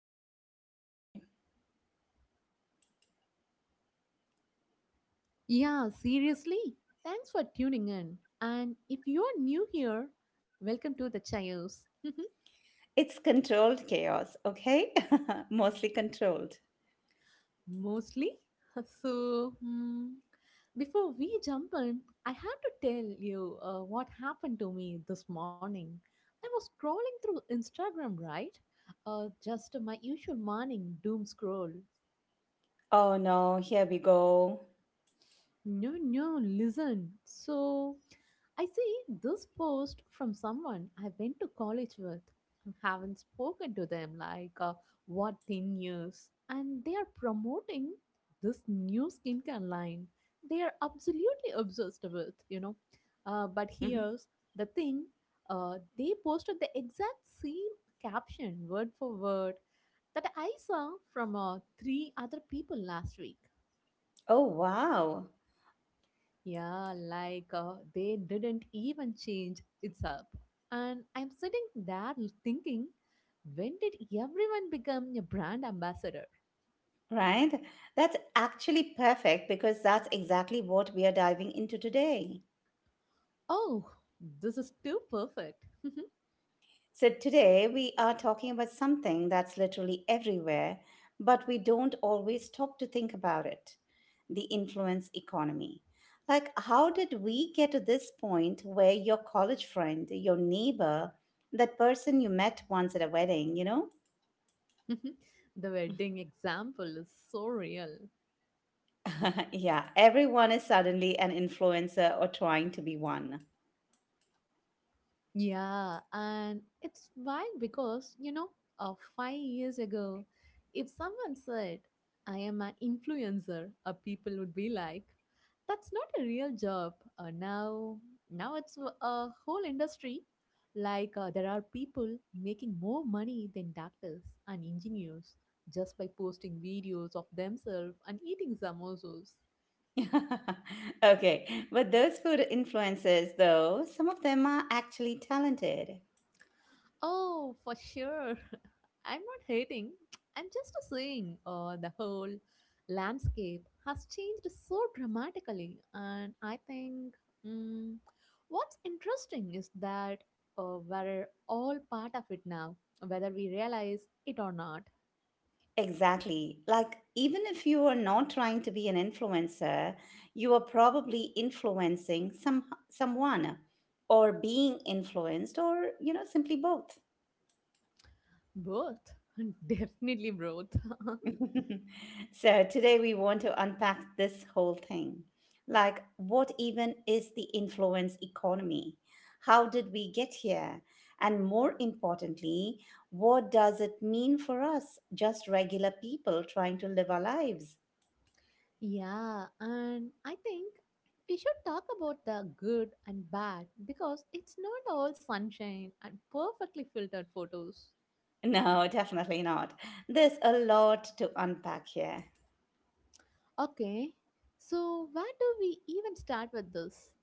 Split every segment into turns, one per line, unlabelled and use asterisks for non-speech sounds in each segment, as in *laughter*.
you're here with us today.
Yeah, seriously. Thanks for tuning in. And if you're new here, welcome to the Chaos. *laughs*
It's controlled chaos, okay? *laughs* Mostly controlled.
Mostly. *laughs* So before we jump in, I have to tell you what happened to me this morning. I was scrolling through Instagram, right? Just my usual morning doom scroll.
Oh no, here we go.
No, no, listen. So, I see this post from someone I went to college with and haven't spoken to them like what 10 years. And they are promoting this new skincare line they are absolutely obsessed with. But
Mhm.
here's the thing. They posted the exact same caption, word for word, that I saw from three other people last week.
Oh wow,
Yeah, they didn't even change it's up. And I'm sitting there thinking, when did everyone become a brand ambassador?
right? That's actually perfect because that's exactly what we are diving into today.
Oh, this is too perfect.
So, today we are talking about something that's literally everywhere, but we don't always stop to think about it, the influence economy. Like, how did we get to this point where your college friend, your neighbor, that person you met once at a wedding, you know?
*laughs* The wedding example is so real.
*laughs* Yeah, everyone is suddenly an influencer or trying to be one.
Yeah, and it's wild because 5 years ago, if someone said, I am an influencer, people would be like, that's not a real job. Now it's a whole industry. Like, there are people making more money than doctors and engineers just by posting videos of themselves and eating samosas.
*laughs* Okay, but those food influencers, though, some of them are actually talented.
Oh, for sure. *laughs* I'm not hating. I'm just saying the whole landscape has changed so dramatically. And I think mm, what's interesting is that we're all part of it now, whether we realize it or not.
Exactly. Like, even if you are not trying to be an influencer, you are probably influencing someone or being influenced or, you know, simply both.
Both. *laughs* Definitely both. *laughs*
*laughs* So today we want to unpack this whole thing. Like, what even is the influence economy? How did we get here? And more importantly, what does it mean for us, just regular people trying to live our lives?
Yeah, and I think we should talk about the good and bad because it's not all sunshine and perfectly filtered photos.
No, definitely not. There's a lot to unpack here.
Okay, so where do we even start with this?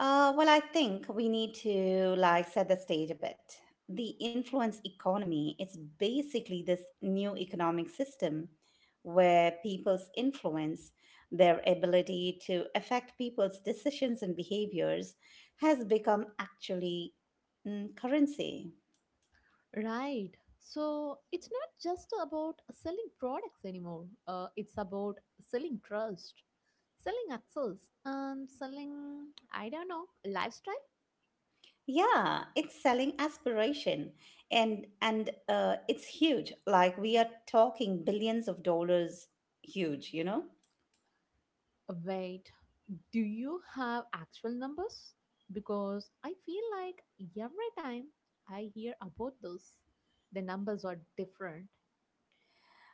Well, I think we need to like set the stage a bit. The influence economy is basically this new economic system where people's influence, their ability to affect people's decisions and behaviors, has become currency.
Right, so it's not just about selling products anymore, it's about selling trust, selling access, and selling, I don't know, lifestyle.
Yeah, it's selling aspiration and it's huge. Like we are talking billions of dollars huge, you know?
Wait, do you have actual numbers? Because I feel like every time I hear about this, the numbers are different.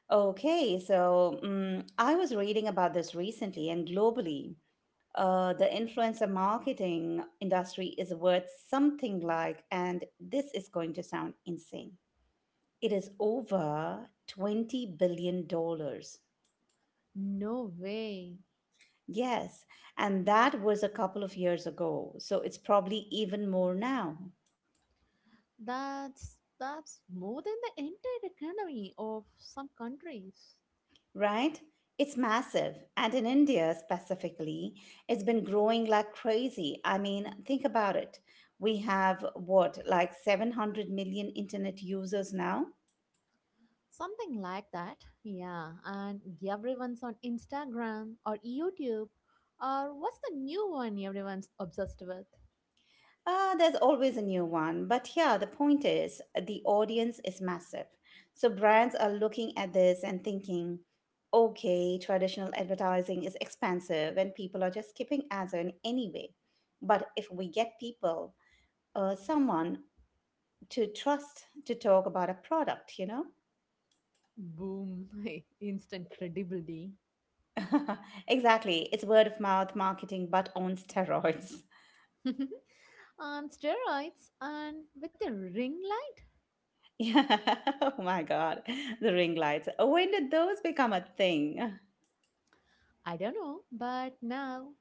Okay, so I was reading about this recently, and globally, the influencer marketing industry is worth something like, and this is going to sound insane, it is over $20 billion. Dollars.
No way.
Yes, and that was a couple of years ago. So it's probably even more now.
That's more than the entire economy of some countries.
Right? It's massive. And in India specifically, it's been growing like crazy. I mean, think about it. We have what, like 700 million internet users now?
Something like that. Yeah, and everyone's on Instagram or YouTube or what's the new one everyone's obsessed with?
There's always a new one. But yeah, the point is the audience is massive. So brands are looking at this and thinking, okay, traditional advertising is expensive and people are just skipping ads in anyway. But if we get people, someone to trust to talk about a product, you know?
Boom, *laughs* instant credibility.
*laughs* Exactly. It's word of mouth marketing, but on steroids. *laughs*
*laughs* On steroids and with a ring light?
Yeah. *laughs* Oh my God. The ring lights. When did those become a thing?
I don't know, but now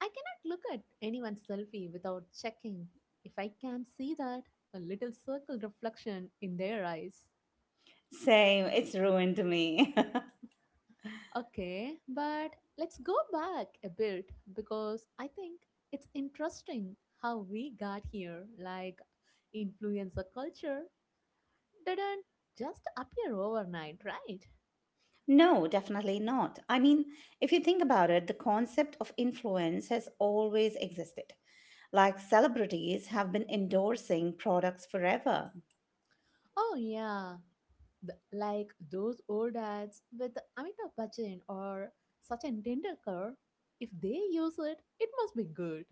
I cannot look at anyone's selfie without checking if I can see that a little circle reflection in their eyes.
Same. It's ruined me.
Okay, but let's go back a bit because I think it's interesting how we got here. Like, influencer culture didn't just appear overnight, right?
*laughs* No, definitely not. I mean, if you think about it, the concept of influence has always existed. Like celebrities have been endorsing products forever.
Oh, yeah. Like those old ads with Amitabh Bachchan or Sachin Tendulkar, if they use it, it must be good,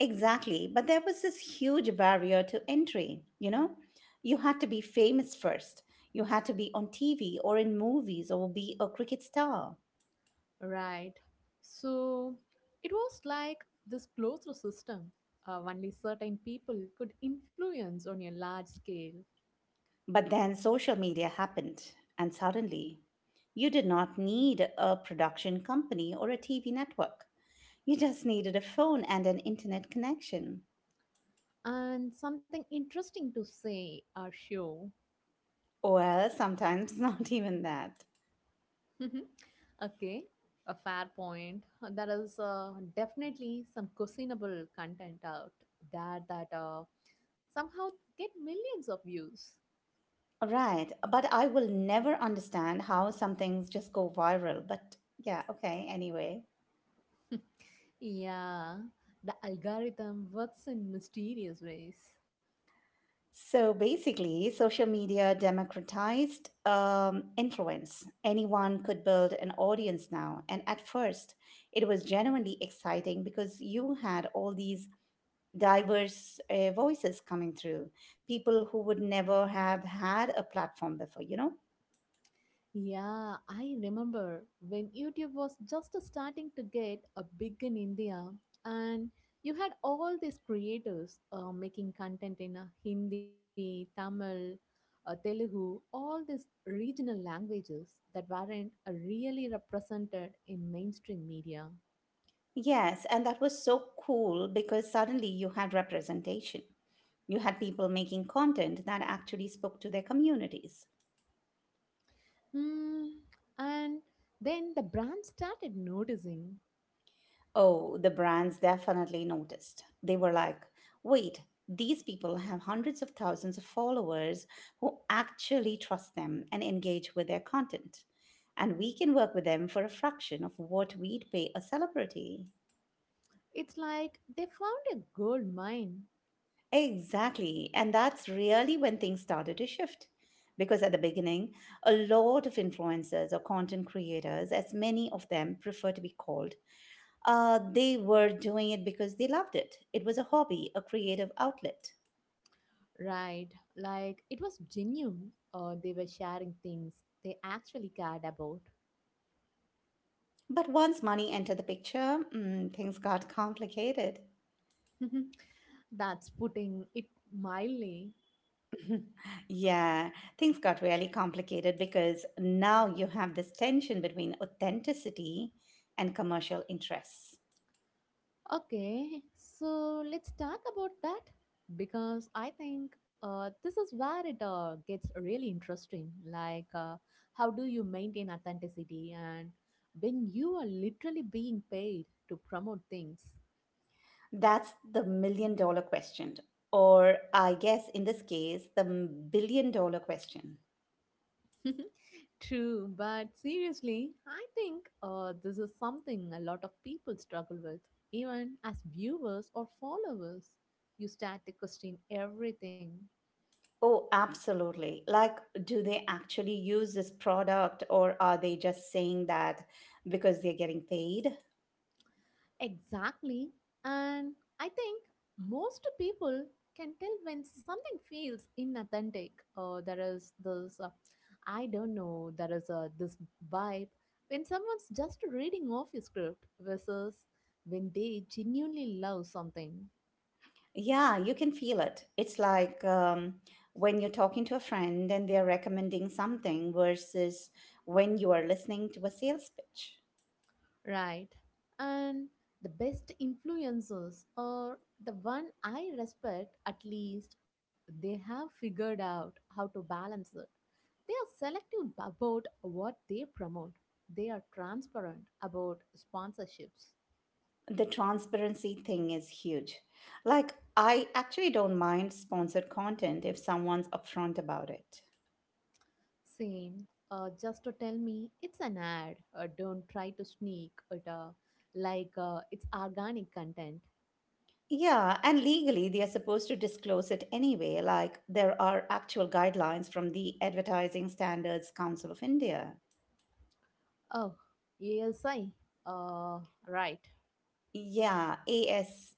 Exactly. But there was this huge barrier to entry, you know? You had to be famous first. You had to be on TV or in movies or be a cricket star.
right? So it was like this closed system. Only certain people could influence on a large scale.
But then social media happened, and suddenly you did not need a production company or a TV network. You just needed a phone and an internet connection.
And something interesting to say or show.
Well, sometimes *laughs* not even that.
Mhm. Okay, a fair point. There is definitely some questionable content out there that somehow get millions of views.
Right, but I will never understand how some things just go viral. But yeah, okay, anyway.
Yeah, the algorithm works in mysterious ways.
So basically, social media democratized influence. Anyone could build an audience now. And at first, it was genuinely exciting because you had all these diverse voices coming through, people who would never have had a platform before, you know?
Yeah, I remember when YouTube was just starting to get a big in India, and you had all these creators making content in Hindi, Tamil, Telugu, all these regional languages that weren't really represented in mainstream media.
Yes, and that was so cool because suddenly you had representation. You had people making content that actually spoke to their communities.
Mm, and then the brand started noticing.
Oh, the brands definitely noticed. They were like, wait, these people have hundreds of thousands of followers who actually trust them and engage with their content. And we can work with them for a fraction of what we'd pay a celebrity.
It's like they found a gold mine.
Exactly. And that's really when things started to shift. Because at the beginning, a lot of influencers or content creators, as many of them prefer to be called, they were doing it because they loved it. It was a hobby, a creative outlet.
Right. Like it was genuine. They were sharing things they actually cared about.
But once money entered the picture, things got complicated.
*laughs* That's putting it mildly.
*laughs* Yeah, things got really complicated because now you have this tension between authenticity and commercial interests.
Okay, so let's talk about that because I think this is where it gets really interesting. Like, how do you maintain authenticity and when you are literally being paid to promote things?
That's the million dollar question. Or, I guess in this case, the billion dollar question.
*laughs* True, but seriously, I think this is something a lot of people struggle with, even as viewers or followers. You start to question everything.
Oh, absolutely. Like, do they actually use this product or are they just saying that because they're getting paid?
Exactly. And I think most people can tell when something feels inauthentic. There is this, I don't know, there is this vibe when someone's just reading off a script versus when they genuinely love something.
Yeah, you can feel it. It's like when you're talking to a friend and they're recommending something versus when you are listening to a sales pitch.
Right. And the best influencers or the one I respect at least they have figured out how to balance it. They are selective about what they promote. They are transparent about sponsorships.
The transparency thing is huge. Like, I actually don't mind sponsored content if someone's upfront about it.
Same, just to tell me it's an ad. Don't try to sneak it. Like it's organic content.
Yeah, and legally they are supposed to disclose it anyway, like there are actual guidelines from the Advertising Standards Council of India.
Oh, ASI. Uh, right.
Yeah, ASCI.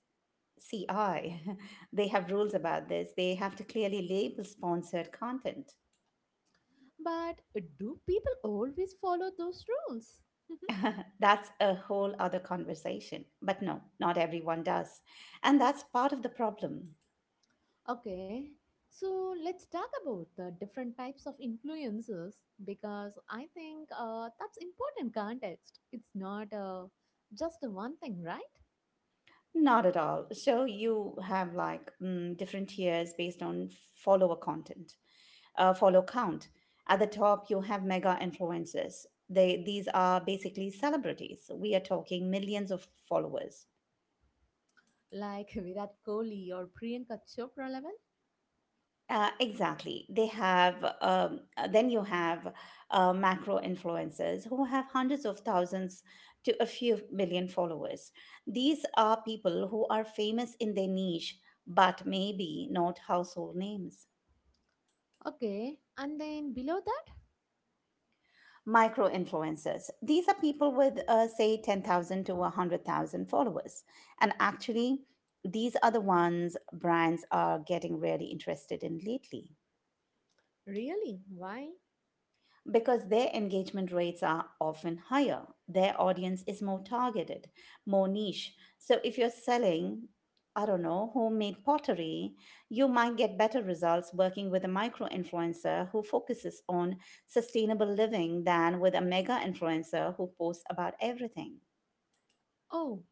*laughs* They have rules about this. They have to clearly label sponsored content.
But do people always follow those rules? *laughs*
*laughs* That's a whole other conversation. But no, not everyone does. And that's part of the problem.
Okay, so let's talk about the different types of influences because I think that's important context. It's not just one thing, right?
Not at all. So you have like different tiers based on follower content. Follow count. At the top, you have mega influencers. These are basically celebrities. We are talking millions of followers.
Like *laughs* Virat Kohli or Priyanka Chopra level.
Exactly. Then you have macro influencers who have hundreds of thousands to a few million followers. These are people who are famous in their niche, but maybe not household names.
Okay, and then below that,
Micro influencers. These are people with, say, 10,000 to 100,000 followers. And actually, these are the ones brands are getting really interested in lately.
really? Why?
Because their engagement rates are often higher, their audience is more targeted, more niche. So if you're selling, I don't know, homemade pottery, you might get better results working with a micro influencer who focuses on sustainable living than with a mega influencer who posts about everything.
Oh,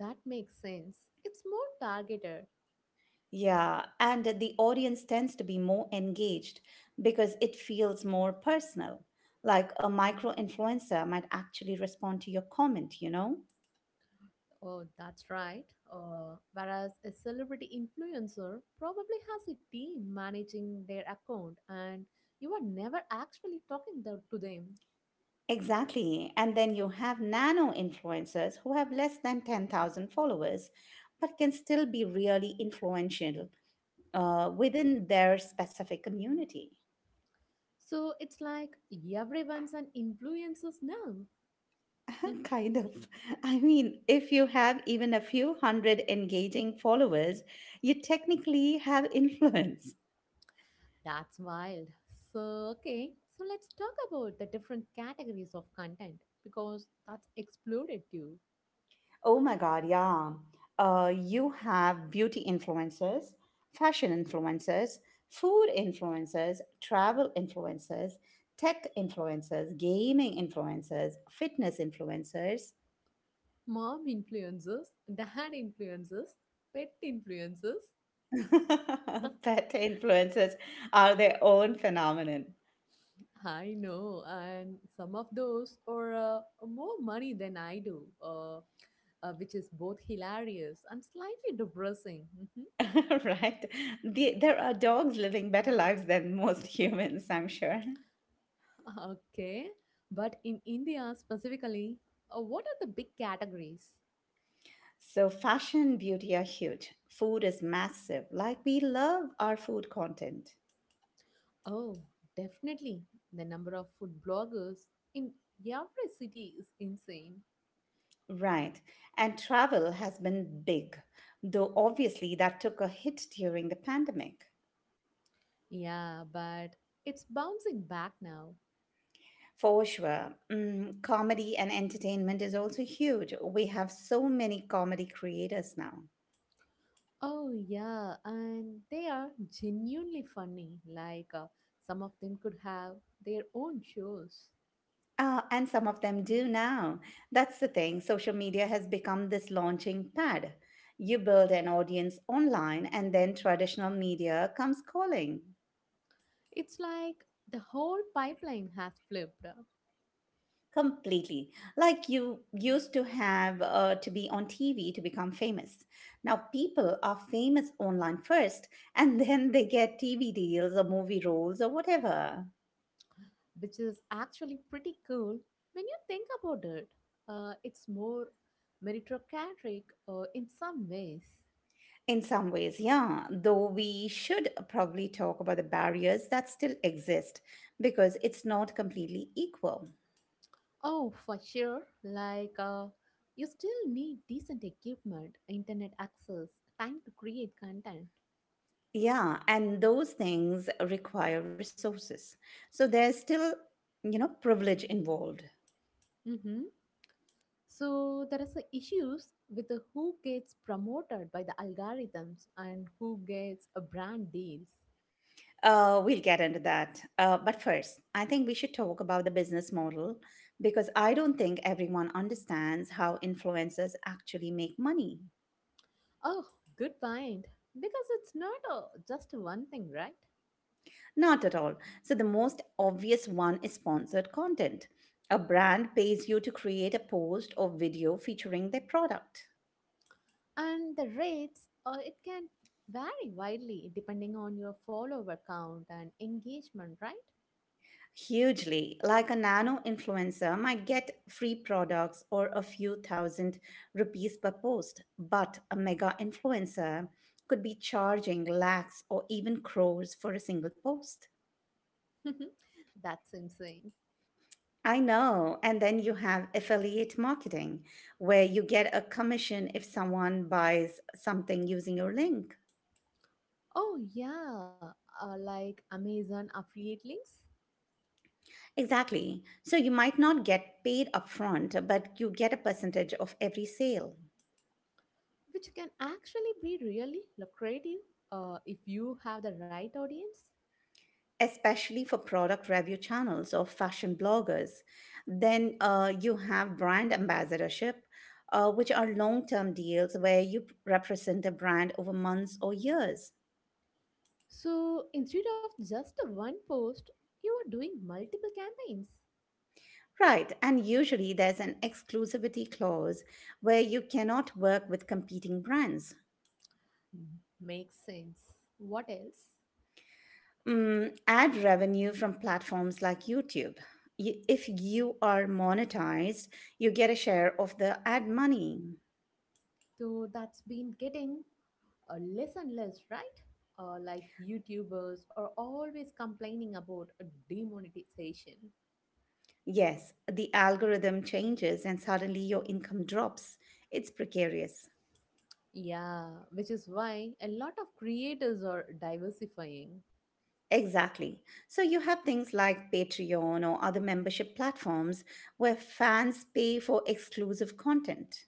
that makes sense. It's more targeted.
Yeah, and the audience tends to be more engaged because it feels more personal. Like a micro influencer might actually respond to your comment, you know?
Oh, that's right. Whereas a celebrity influencer probably has a team managing their account and you are never actually talking to them.
Exactly. And then you have nano influencers who have less than 10,000 followers, but can still be really influential within their specific community.
So it's like everyone's an influencer now.
*laughs*
*laughs*
Kind of. I mean, if you have even a few hundred engaging followers, you technically have *laughs* influence.
That's wild. So, okay, so let's talk about the different categories of content because that's exploded too.
Oh my God, yeah. You have beauty influencers, fashion influencers, food influencers, travel influencers, tech influencers, gaming influencers, fitness influencers,
Mom influencers, dad influencers, pet influencers. *laughs*
*laughs* pet influencers are their own phenomenon,
I know, and some of those are more money than I do, which is both hilarious and slightly depressing. Mhm.
*laughs* right? There are dogs living better lives than most *laughs* humans, I'm sure.
*laughs* Okay, but in India specifically, what are the big categories?
So, fashion, beauty are huge. Food is massive. Like, we love our food content.
Oh, definitely. The number of food bloggers in every city is insane.
Right. And travel has been big, though obviously that took a hit during the pandemic.
Yeah, but it's bouncing back now.
For sure. Comedy and entertainment is also huge. We have so many comedy creators now.
Oh, yeah, and they are genuinely funny. Like, some of them could have their own shows.
Ah, and some of them do now. That's the thing. Social media has become this launching pad. You build an audience online, and then traditional media comes calling.
It's like the whole pipeline has flipped,
Completely. Like you used to have to be on TV to become famous. Now people are famous online first *laughs* and then they get TV deals or movie roles or whatever.
which is actually pretty cool when you think about it. It's more meritocratic in some ways.
In some ways, yeah, though we should probably talk about the barriers that still exist because it's not completely equal.
Oh, for sure. Like, you still need decent equipment, internet access, time to create content.
Yeah, and those things require resources. So there's still, you know, privilege involved.
Mm-hmm. So there is a issues with the who gets promoted by the algorithms and who gets a brand deals.
We'll get into that. But first, I think we should talk about the business model because I don't think everyone understands how influencers actually make money.
Oh, good point. Because it's not just one thing, right?
Not at all. So, the most obvious one is sponsored content. A brand pays you to create a post or video featuring their product.
And the rates, it can vary widely depending on your follower count and engagement, right?
Hugely, like a nano influencer might get free products or a few thousand rupees per post, but a mega influencer could be charging lakhs or even crores for a single post.
*laughs* That's insane.
I know. And then you have affiliate marketing, where you get a commission if someone buys something using your link.
Oh yeah, like Amazon affiliate links,
Exactly. So you might not get paid upfront, but you get a percentage of every sale.
which can actually be really lucrative if you have the right audience.
Especially for product review channels or fashion bloggers. Then you have brand ambassadorship, which are long term deals where you represent a brand over months or years.
So instead of just one post, you are doing multiple campaigns.
Right, and usually there's an exclusivity clause where you cannot work with competing brands.
Mm, makes sense. What else?
Mm, ad revenue from platforms like YouTube. If you are monetized, you get a share of the ad money.
So that's been getting less and less, right? Like YouTubers are always complaining about a demonetization.
Yes, the algorithm changes and suddenly your income drops. It's precarious.
Yeah, which is why a lot of creators are diversifying.
Exactly. So you have things like Patreon or other membership platforms where fans pay for exclusive content.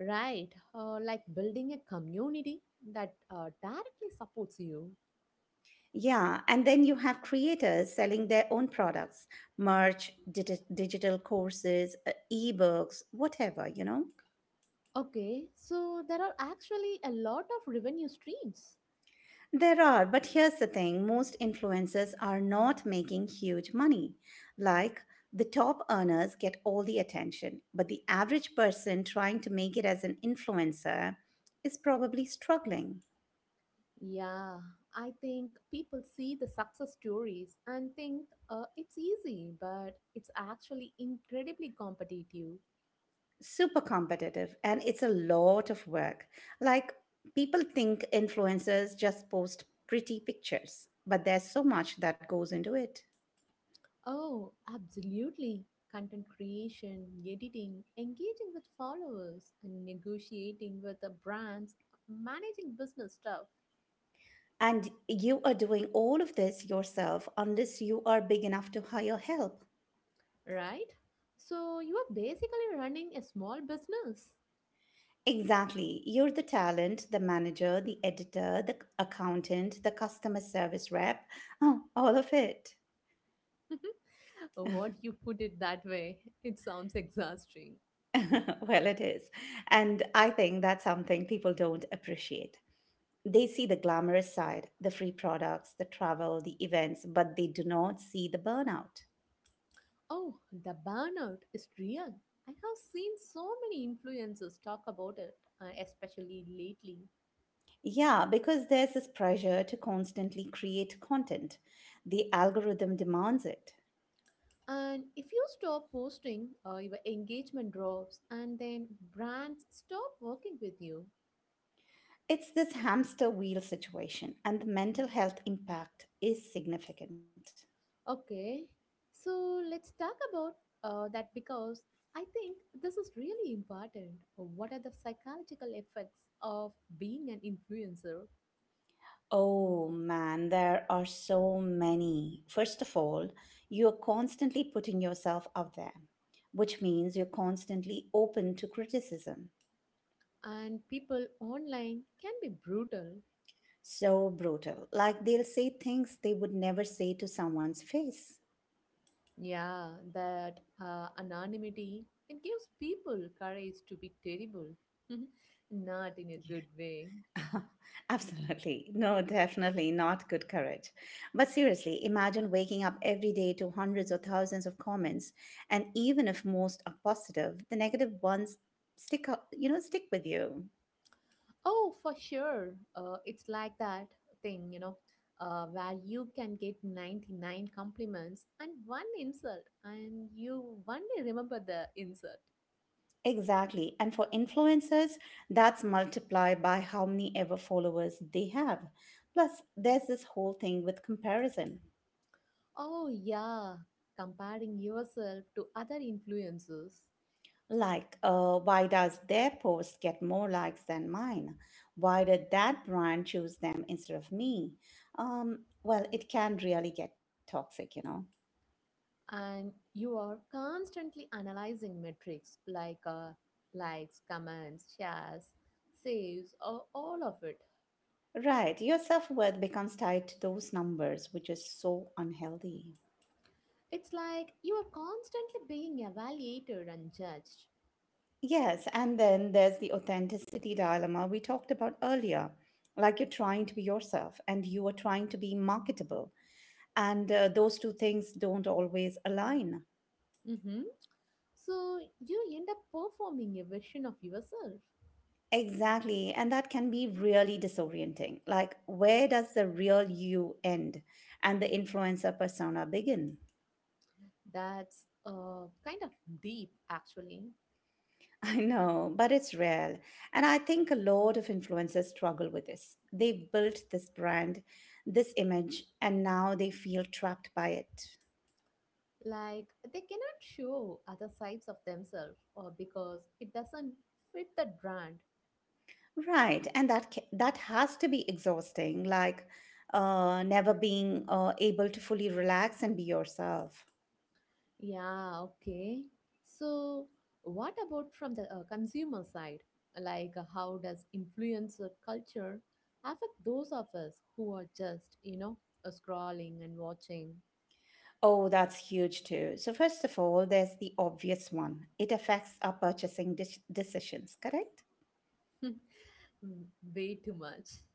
Right, like building a community that directly supports you.
Yeah, and then you have creators selling their own products, merch, digital courses, ebooks, whatever, you know?
Okay, so there are actually a lot of revenue streams.
There are, but here's the thing, most influencers are not making huge money. Like, the top earners get all the attention, but the average person trying to make it as an influencer is probably struggling.
Yeah, I think people see the success stories and think it's easy, but it's actually incredibly competitive.
Super competitive, and it's a lot of work. Like, people think influencers just post pretty pictures, but there's so much that goes into it.
Oh, absolutely. Content creation, editing, engaging with followers, and negotiating with the brands, managing business stuff,
And you are doing all of this yourself unless you are big enough to hire help.
right? So you are basically running a small business.
Exactly. You're the talent, the manager, the editor, the accountant, the customer service rep, *laughs* oh, all of it.
*laughs* What you put it that way, it sounds exhausting.
*laughs* Well, it is. And I think that's something people don't appreciate. They see the glamorous side, the free products, the travel, the events, but they do not see the burnout.
Oh, the burnout is real. I have seen so many influencers talk about it, especially lately.
Yeah, because there's this pressure to constantly create content. The algorithm demands it.
And if you stop posting, your engagement drops, and then brands stop working with you.
It's this hamster wheel situation, and the mental health impact is significant.
Okay, so let's talk about that because I think this is really important. What are the psychological effects of being an influencer?
Oh man, there are so many. First of all, you're constantly putting yourself out there, which means you're constantly open to criticism.
And people online can be brutal.
So brutal. Like they'll say things they would never say to someone's face.
Yeah, that anonymity it gives people courage to be terrible, *laughs* not in a good way.
Absolutely. No, definitely not good courage. But seriously, imagine waking up every day to hundreds or thousands of comments, and even if most are positive, the negative ones stick up, stick with you.
Oh, for sure, it's like that thing, you know, where you can get 99 compliments and one insult, and you only remember the insult.
Exactly. And for influencers, that's multiplied by how many ever followers they have. Plus, there's this whole thing with comparison.
Oh yeah, comparing yourself to other influences.
Like, why does their post get more likes than mine? Why did that brand choose them instead of me? Well, it can really get toxic.
And you are constantly analyzing metrics like likes, comments, shares, saves, or all of it.
Right, your self worth becomes tied to those numbers, which is so unhealthy.
It's like you are constantly being evaluated and judged.
Yes, and then there's the authenticity dilemma we talked about earlier. Like you're trying to be yourself and you are trying to be marketable, and those two things don't always align.
Hmm. So you end up performing a version of yourself.
Exactly. And that can be really disorienting. Like, where does the real you end and the influencer persona begin?
That's kind of deep, actually.
*laughs* I know, but it's real. And I think a lot of influencers struggle with this. They've built this brand, this image, and now they feel trapped by it.
Like they cannot show other sides of themselves, or because it doesn't fit the brand.
Right. And that has to be exhausting, like never being able to fully relax and be yourself.
Yeah, okay. So, what about from the consumer side? Like, how does influencer culture affect those of us who are just, you know, scrolling and watching.
Oh, that's huge too. So, first of all, there's the obvious one — it affects our decisions, correct?
*laughs* Mm, way too much?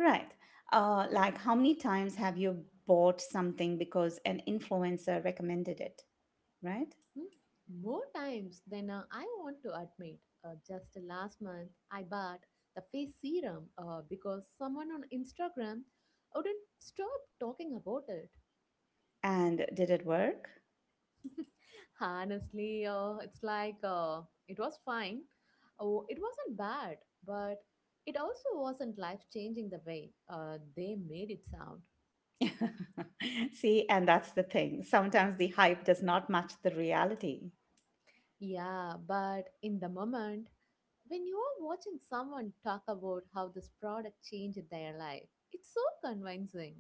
Right. Like, how many times have you bought something because an influencer recommended it, right?
Hmm? More times than I want to admit. Just last month, I bought the face serum because someone on Instagram wouldn't stop talking about it.
And did it work?
Honestly, it was fine. Oh, it wasn't bad, but it also wasn't life changing the way they made it sound.
*laughs* See, and that's the thing. Sometimes the hype does not match the reality.
Yeah, but in the moment, when you are watching someone talk about how this product changed their life, it's so convincing.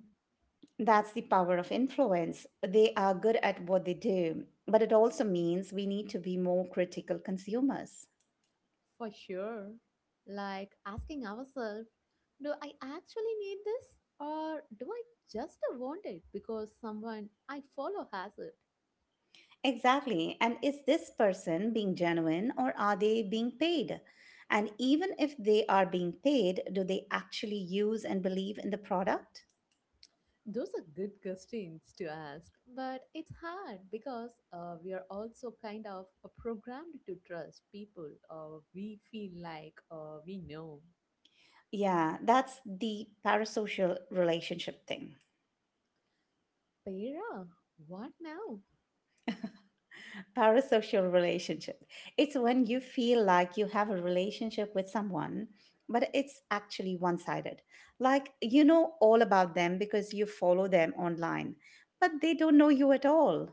That's the power of influence. They are good at what they do, but it also means we need to be more critical consumers.
For sure. Like asking ourselves, do I actually need this? Or do I just want it because someone I follow has it?
Exactly. And is this person being genuine or are they being paid? And even if they are being paid, do they actually use and believe in the product?
Those are good questions to ask, but it's hard because we are also kind of programmed to trust people we feel like we know.
Yeah, that's the parasocial relationship thing.
Pera, what now?
*laughs* Parasocial relationship. It's when you feel like you have a relationship with someone, but it's actually one sided. Like you know all about them because you follow them online, but they don't know you at all.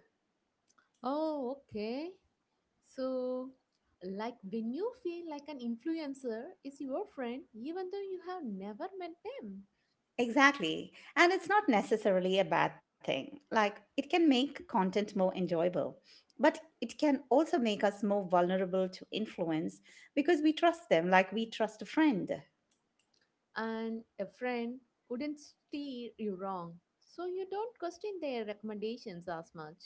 Oh, okay. So, like when you feel like an influencer is your friend, even though you have never met them,
Exactly. And it's not necessarily a bad thing. Like, it can make content more enjoyable, but it can also make us more vulnerable to influence because we trust them like we trust a friend.
and a friend wouldn't steer you wrong, so you don't question their recommendations as much.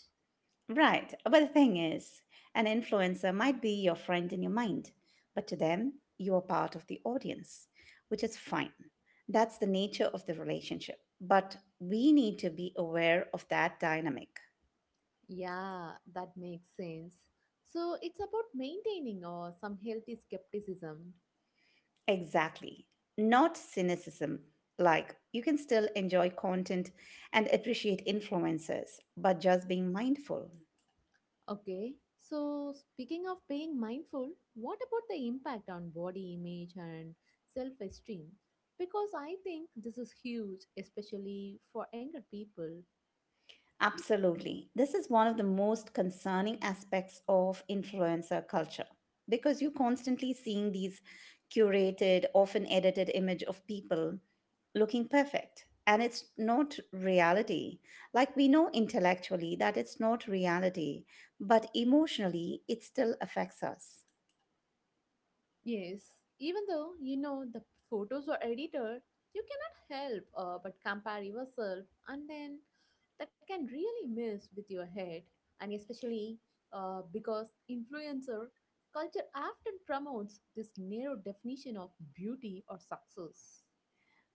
Right. But the thing is, an influencer might be your friend in your mind, but to them, you are part of the audience, which is fine. That's the nature of the relationship. But we need to be aware of that dynamic.
Yeah, that makes sense. So it's about maintaining some healthy skepticism.
Exactly. Not cynicism. Like, you can still enjoy content and appreciate influencers, but just being mindful.
Okay. So speaking of being mindful, what about the impact on body image and self esteem? Because I think this is huge, especially for younger people.
Absolutely. This is one of the most concerning aspects of influencer culture because you're constantly seeing these curated, often edited image of people looking perfect. And it's not reality. Like we know intellectually that it's not reality, but emotionally it still affects us.
Yes, even though you know the photos are edited, you cannot help but compare yourself, and then that can really mess with your head. And especially because influencer culture often promotes this narrow definition of beauty or success.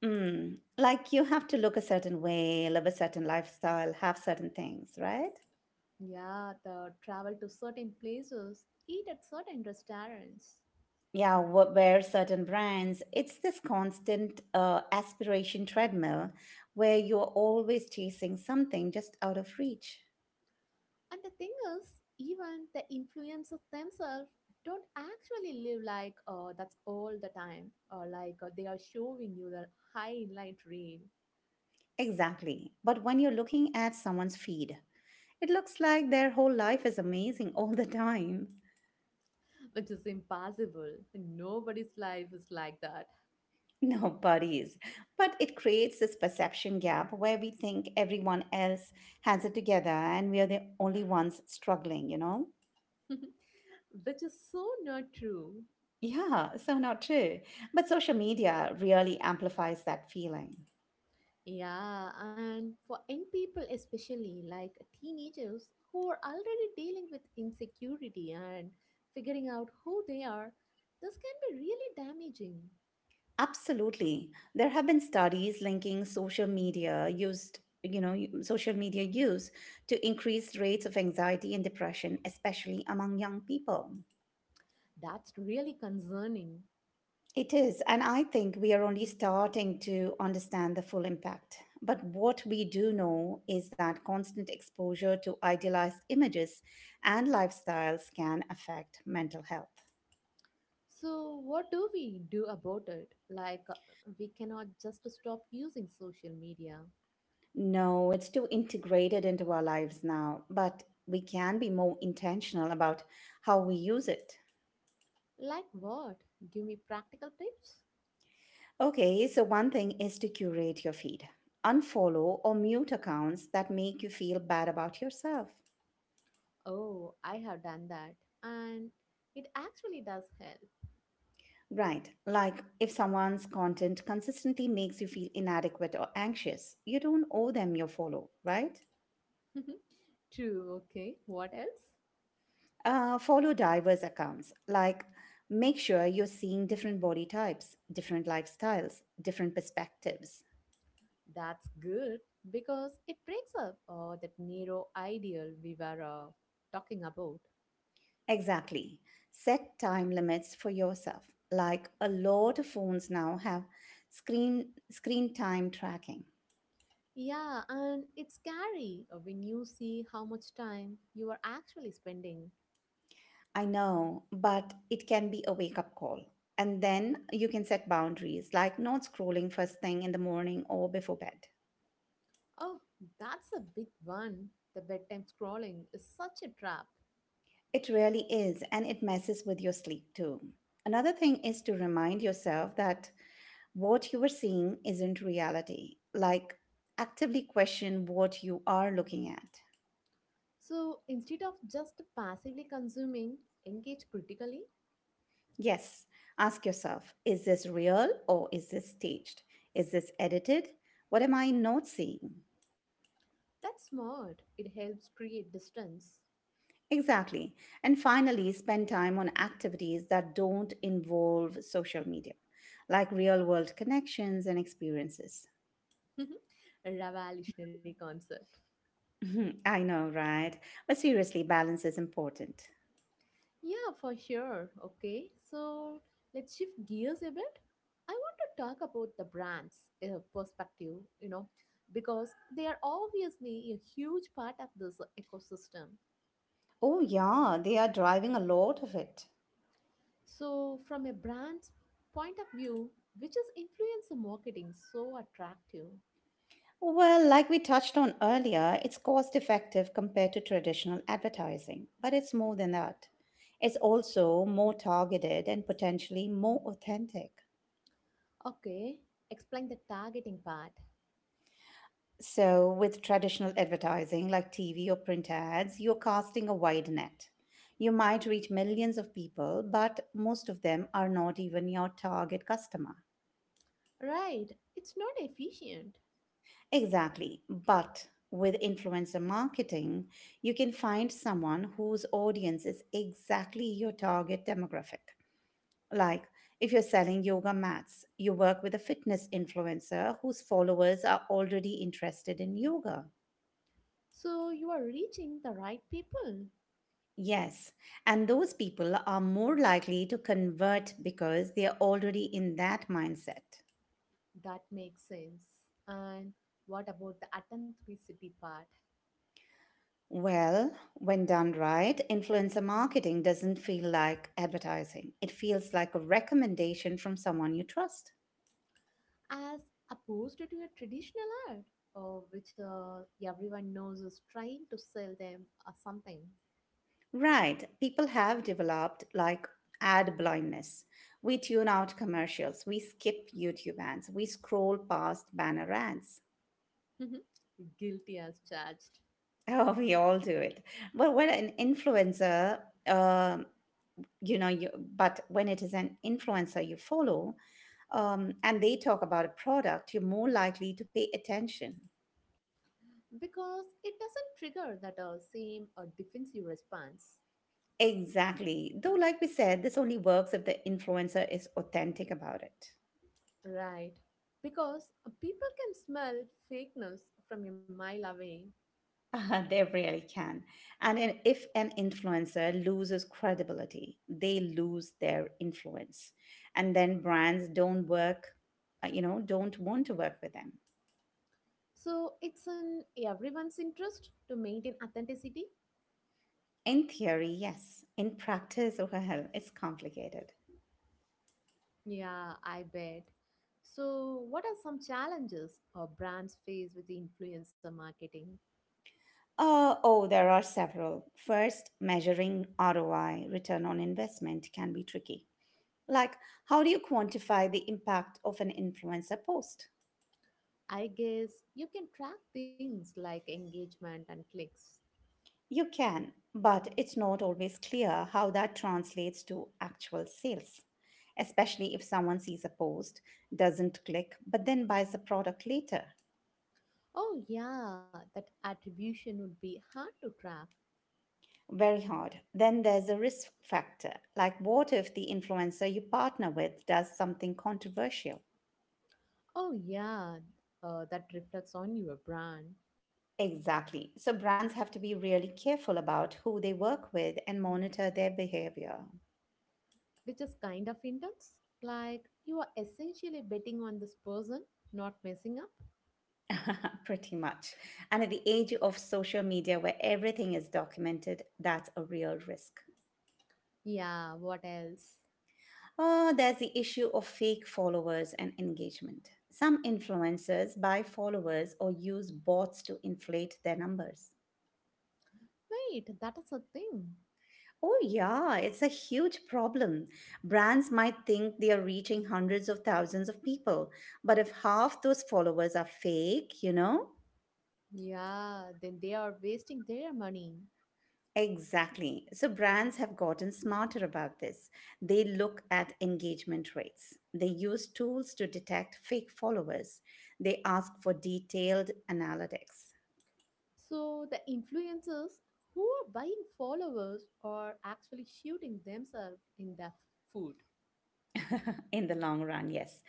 Mm. Like you have to look a certain way, live a certain lifestyle, have certain things, right?
Yeah, the travel to certain places, eat at certain restaurants.
Yeah, wear certain brands. It's this constant aspiration treadmill where you're always chasing something just out of reach.
And the thing is, even the influencers themselves don't actually live like that's all the time, or like they are showing you the highlight reel,
Exactly. But when you're looking at someone's feed, it looks like their whole life is amazing *laughs* all the time.
which is impossible. Nobody's life is like that,
No buddies. But it creates this perception gap where we think everyone else has it together and we are the only ones struggling, you know?
*laughs* which is so not true.
Yeah, so not true. But social media really amplifies that feeling.
Yeah, and for young people, especially like teenagers who are already dealing with insecurity and figuring out who they are, this can be really damaging.
Absolutely. There have been studies linking social media use to increased rates of anxiety and depression, especially among young people.
That's really concerning.
It is, and I think we are only starting to understand the full impact. But what we do know is that constant exposure to idealized images and lifestyles can affect mental health.
So, what do we do about it? Like, we cannot just stop using social media.
No, it's too integrated into our lives now, but we can be more intentional about how we use it.
Like, what? Give me practical tips?
Okay, so one thing is to curate your feed, unfollow or mute accounts that make you feel bad about yourself.
Oh, I have done that. And it actually does help.
Right, like if someone's content consistently makes you feel inadequate or anxious, you don't owe them your follow, right?
*laughs* True, okay. What else?
Follow diverse accounts, like make sure you're seeing different body types, different lifestyles, different perspectives.
That's good because it breaks up that narrow ideal we were talking about.
Exactly. Set time limits for yourself. Like a lot of phones now have screen time tracking.
Yeah, and it's scary when you see how much time you are actually spending.
I know, but it can be a wake up call. And then you can set boundaries, like not scrolling first thing in the morning or before bed.
Oh, that's a big one. The bedtime scrolling is such a trap.
It really is, and it messes with your sleep too. Another thing is to remind yourself that what you are seeing isn't reality. Like, actively question what you are looking at.
So instead of just passively consuming, engage critically.
Yes, ask yourself, is this real or is this staged? Is this edited? What am I not seeing?
That's smart. It helps create distance.
Exactly. And finally, spend time on activities that don't involve social media, like real world connections and experiences. *laughs*
*laughs* A revolutionary concept.
Mhm, I know, right? But seriously, balance is important.
Yeah, for sure. Okay, so let's shift gears a bit. I want to talk about the brands' perspective, you know, because they are obviously a huge part of this ecosystem.
Oh, yeah, they are driving a lot of it.
So, from a brand's point of view, which is influencer marketing so attractive?
Well, like we touched on earlier, it's cost effective compared to traditional advertising, but it's more than that. It's also more targeted and potentially more authentic.
Okay, explain the targeting part.
So, with traditional advertising like TV or print ads, you're casting a wide net. You might reach millions of people, but most of them are not even your target customer.
Right, it's not efficient.
Exactly. But with influencer marketing, you can find someone whose audience is exactly your target demographic. Like if you're selling yoga mats, you work with a fitness influencer whose followers are already interested in yoga.
So, you are reaching the right people.
Yes, and those people are more likely to convert because they are already in that mindset.
That makes sense. And what about the authenticity part?
Well, when done right, influencer marketing doesn't feel like advertising. It feels like a recommendation from someone you trust.
As opposed to a traditional ad, which everyone knows is trying to sell them or something.
Right, people have developed like ad blindness. We tune out commercials, we skip YouTube ads, we scroll past banner ads. *laughs*
*laughs* Guilty as charged.
Oh, we all do it. But when an influencer um you know you but when it is an influencer you follow, and they talk about a product, you're more likely to pay attention
Because it doesn't trigger that same defensive response.
exactly. Though like we said, this only works if the influencer is authentic about it.
Right. Because people can smell fakeness from a mile away.
They really can. And then if an influencer loses credibility, they lose their influence, and then brands don't work you know don't want to work with them
So it's in everyone's interest to maintain authenticity.
in theory. Yes, in practice, *laughs* well, it's complicated.
Yeah, I bet. So, what are some challenges or brands face with the influencer marketing?
Oh, there are several. First, measuring ROI, return on investment, can be tricky. Like, how do you quantify the impact of an influencer post?
I guess you can track things like engagement and clicks.
You can, but it's not always clear how that translates to actual sales, especially if someone sees a post, doesn't click, but then buys a product later.
Oh, yeah, that attribution would be hard to track.
Very hard. Then there's a risk factor. Like, what if the influencer you partner with does something controversial?
Oh, yeah, that reflects on your brand,
Exactly. So brands have to be really careful about who they work with and monitor their behavior.
which is kind of intense. Like, you are essentially betting on this person not messing up.
*laughs* Pretty much. And at the age of social media where everything is documented, that's a real risk.
Yeah, what else?
Oh, there's the issue of fake followers and engagement. Some influencers buy followers or use bots to inflate their numbers.
Wait, that is a thing.
Oh, yeah, it's a huge problem. Brands might think they are reaching hundreds of thousands of people, but if half those followers are fake, you know?
Yeah, then they are wasting their money.
Exactly. So brands have gotten smarter about this. They look at engagement rates. They use tools to detect fake followers. They ask for detailed analytics.
So, the influencers who are buying followers are actually shooting themselves in the food.
*laughs* In the long run, yes.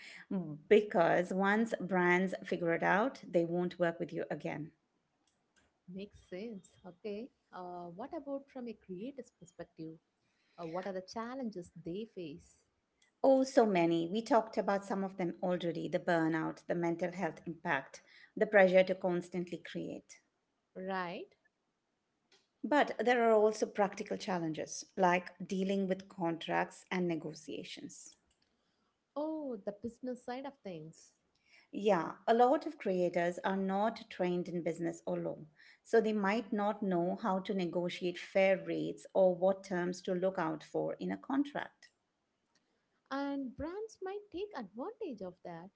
Because once brands figure it out, they won't work with you again.
Makes sense. Okay. What about from a creator's perspective? What are the challenges they face?
Oh, so many. We talked about some of them already — the burnout, the mental health impact, the pressure to constantly create.
Right.
But there are also practical challenges, like dealing with contracts and negotiations.
Oh, the business side of things.
Yeah, a lot of creators are not trained in business or law, so they might not know how to negotiate fair rates or what terms to look out for in a contract.
And brands might take advantage of that.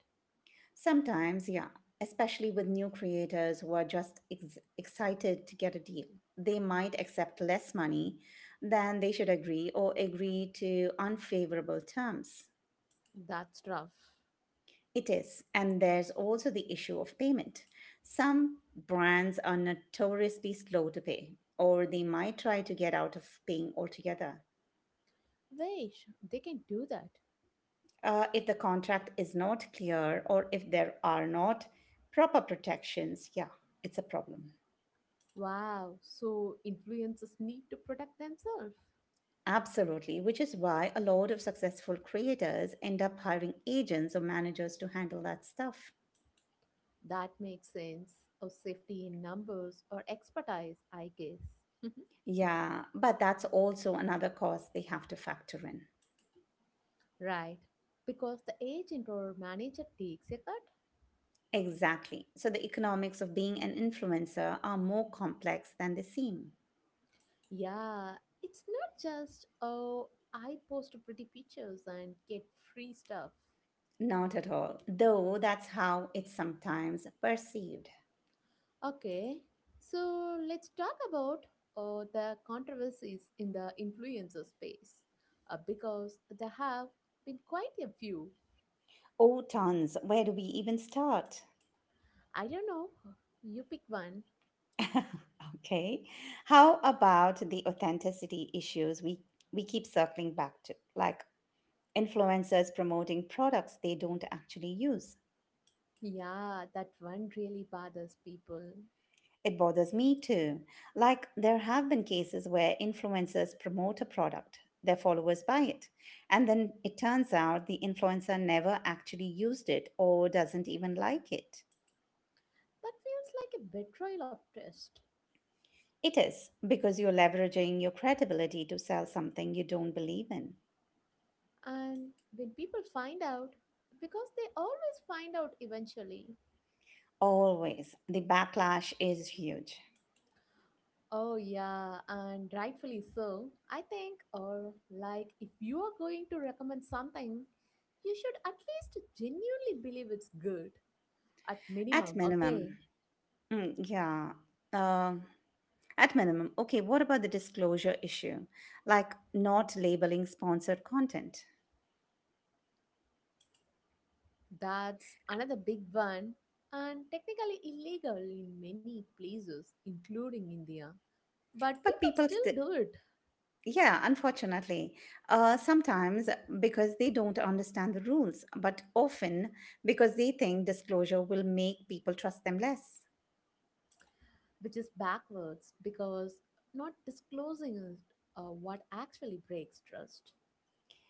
Sometimes, yeah, especially with new creators who are just excited to get a deal. They might accept less money than they should agree or agree to unfavorable terms.
That's rough.
It is. And there's also the issue of payment. Some brands are notoriously slow to pay, or they might try to get out of paying altogether.
Wait, they can do that.
If the contract is not clear or if there are not proper protections, yeah, it's a problem.
Wow, so influencers need to protect themselves.
Absolutely, which is why a lot of successful creators end up hiring agents or managers to handle that stuff.
That makes sense. Or safety in numbers or expertise, I guess. *laughs*
Yeah, but that's also another cost they have to factor in.
Right. Because the agent or manager takes a cut.
Exactly. So the economics of being an influencer are more complex than they seem.
Yeah, it's not just, oh, I post pretty pictures and get free stuff.
Not at all, though that's how it's sometimes perceived.
Okay, so let's talk about the controversies in the influencer space because there have been quite a few.
Oh, tons, where do we even start?
I don't know, you pick one.
*laughs* Okay. How about the authenticity issues we keep circling back to, like influencers promoting products they don't actually use.
Yeah, that one really bothers people.
It bothers me too. Like, there have been cases where influencers promote a product, their followers buy it, and then it turns out the influencer never actually used it or doesn't even like it.
That feels like a betrayal of trust.
It is because you're leveraging your credibility to sell something you don't believe in.
And when people find out, because they always find out eventually.
Always. The backlash is huge.
Oh, yeah, and rightfully so. I think, or like, if you are going to recommend something, you should at least genuinely believe it's good, at
At
minimum,
minimum.
okay?
Mm, yeah. Um At minimum, okay, what about the disclosure issue? Like not labeling sponsored content.
That's another big one, and technically illegal in many places, including India. But
But
people
people
still
still,
do it,
yeah, unfortunately, sometimes because they don't understand the rules, but often because they think disclosure will make people trust them less.
which is backwards because not disclosing it, what actually breaks trust.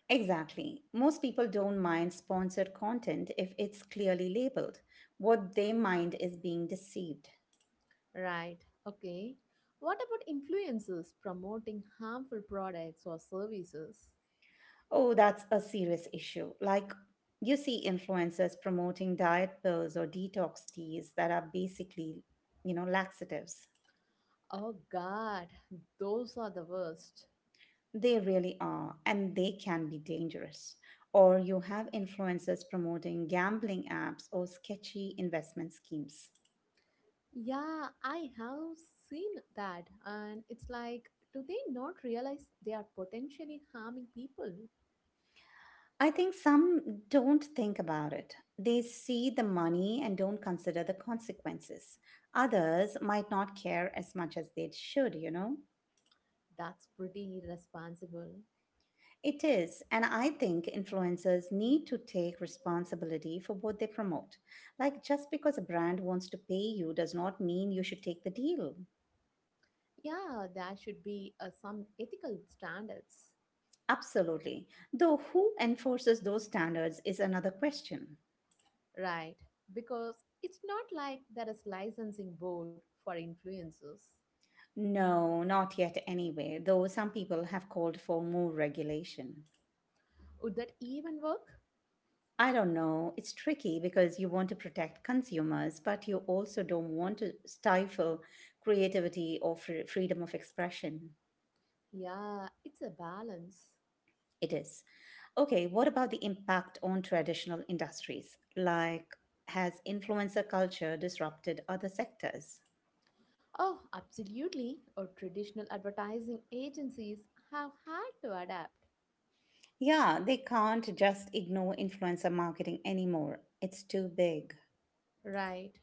Exactly. Most people don't mind sponsored content if it's clearly labeled. What they mind is being deceived.
Right. Okay. What about influencers promoting harmful products or services?
Oh, that's a serious issue. Like, you see influencers promoting diet pills or detox teas that are basically, you know, laxatives.
Oh god, those are the worst.
They really are, and they can be dangerous. Or you have influencers promoting gambling apps or sketchy investment schemes.
Yeah, I have seen that and it's like do they not realize they are potentially harming people?
I think some don't think about it. They see the money and don't consider the consequences. Others might not care as much as they should, you know?
That's pretty irresponsible.
It is, and I think influencers need to take responsibility for what they promote. Like, just because a brand wants to pay you does not mean you should take the deal.
Yeah, there should be some ethical standards.
Absolutely. Though, who enforces those standards is another question.
Right, because it's not like there is licensing board for influencers.
No, not yet anyway, though some people have called for more regulation.
Would that even work?
I don't know, it's tricky because you want to protect consumers, but you also don't want to stifle creativity or freedom of expression.
Yeah, it's a balance.
It is. Okay, what about the impact on traditional industries? Like, has influencer culture disrupted other sectors?
Oh, absolutely. Or traditional advertising agencies have had to adapt,
Yeah, they can't just ignore influencer marketing anymore. It's too big.
right?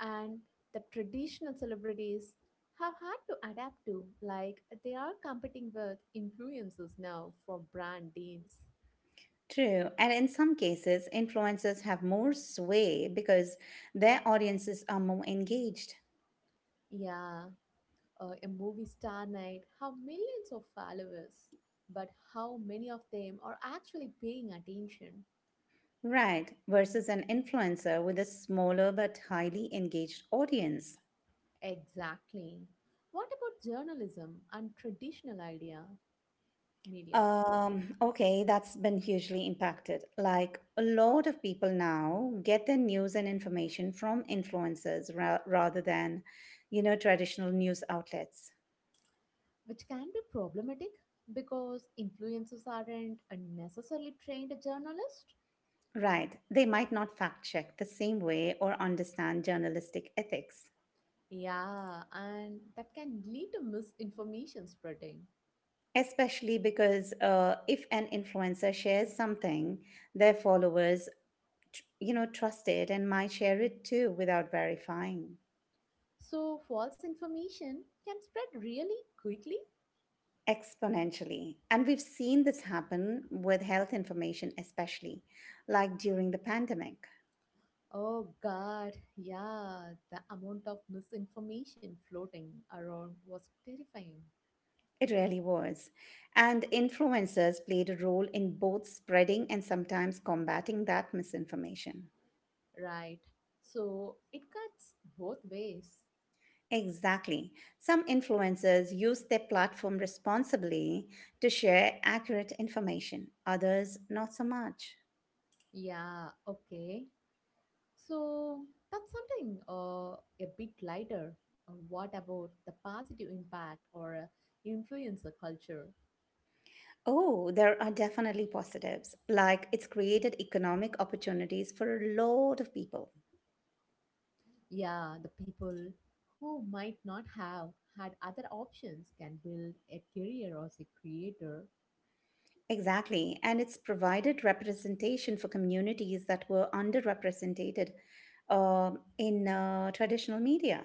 And the traditional celebrities have had to adapt to, like, they are competing with influencers now for brand deals.
True. And in some cases, influencers have more sway because their audiences are more engaged.
Yeah, a movie star night have millions of followers, but how many of them are actually paying attention?
Right. Versus an influencer with a smaller but highly engaged audience.
Exactly. What about journalism and traditional idea media,
Okay, that's been hugely impacted. Like a lot of people now get their news and information from influencers rather than, you know, traditional news outlets.
which can be problematic because influencers aren't a necessarily trained journalist?
Right. They might not fact check the same way or understand journalistic ethics,
Yeah, and that can lead to misinformation spreading.
especially because if an influencer shares something, their followers, you know, trust it and might share it too without verifying.
So false information can spread really quickly.
Exponentially. And we've seen this happen with health information, especially like during the pandemic.
Oh god, yeah, the amount of misinformation floating around was terrifying.
It really was. And influencers played a role in both spreading and sometimes combating that misinformation.
Right. So it cuts both ways.
Exactly. Some influencers used their platform responsibly to share accurate information, others, not so much.
Yeah, okay. So that's something a bit lighter. What about the positive impact or influence culture?
Oh, there are definitely positives. Like it's created economic opportunities for a lot of people.
Yeah, the people who might not have had other options can build a career as a creator.
Exactly. And it's provided representation for communities that were underrepresented in traditional media.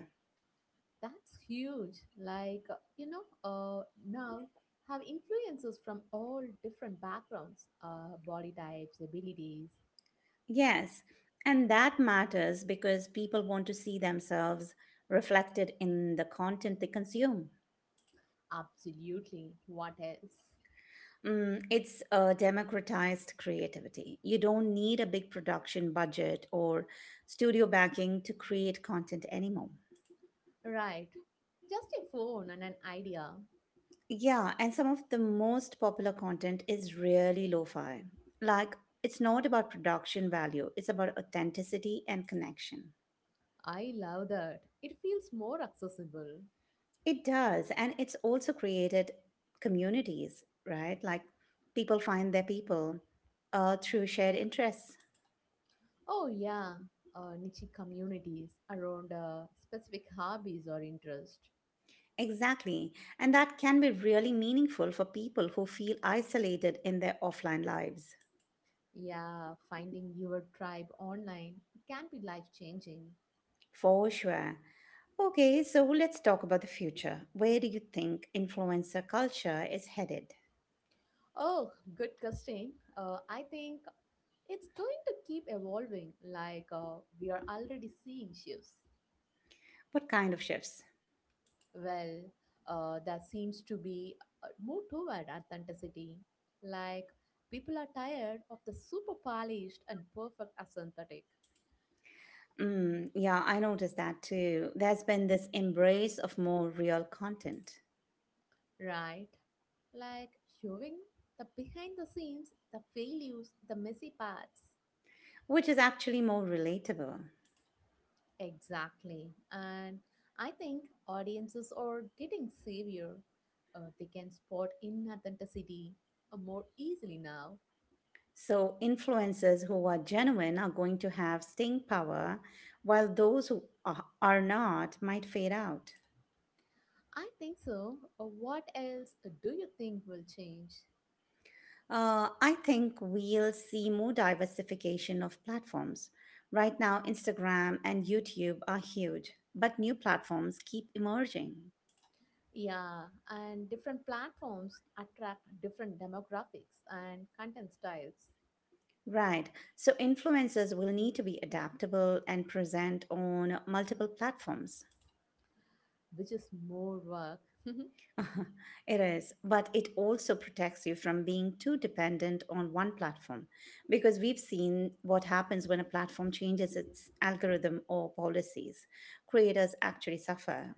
That's huge. Now have influences from all different backgrounds, body types, abilities.
Yes. And that matters because people want to see themselves reflected in the content they consume.
Absolutely. What else?
It's democratized creativity. You don't need a big production budget or studio backing to create content anymore.
Right. Just a phone and an idea.
Yeah, and some of the most popular content is really lo fi. Like, it's not about production value, it's about authenticity and connection.
I love that. It feels more accessible.
It does, and it's also created communities, right? Like, people find their people through shared interests.
Oh, yeah. Niche communities around specific hobbies or interests.
Exactly. And that can be really meaningful for people who feel isolated in their offline lives.
Yeah, finding your tribe online can be life changing.
For sure. Okay, so let's talk about the future. Where do you think influencer culture is headed?
Oh, good question. I think it's going to keep evolving, like we are already seeing shifts.
What kind of shifts?
Well, that seems to be more toward authenticity. Like, people are tired of the super polished and perfect as synthetic,
Mm, yeah, I noticed that too. There's been this embrace of more real content,
right? Like, showing the behind the scenes, the failures, the messy parts.
which is actually more relatable.
Exactly. And I think audiences are getting savvier. They can spot inauthenticity more easily now.
So, influencers who are genuine are going to have staying power, while those who are not might fade out.
I think so. What else do you think will change?
I think we'll see more diversification of platforms. Right now, Instagram and YouTube are huge, but new platforms keep emerging.
Yeah, and different platforms attract different demographics and content styles,
Right, so influencers will need to be adaptable and present on multiple platforms.
which is more work.
*laughs* It is, but it also protects you from being too dependent on one platform because we've seen what happens when a platform changes its algorithm or policies. Creators actually suffer.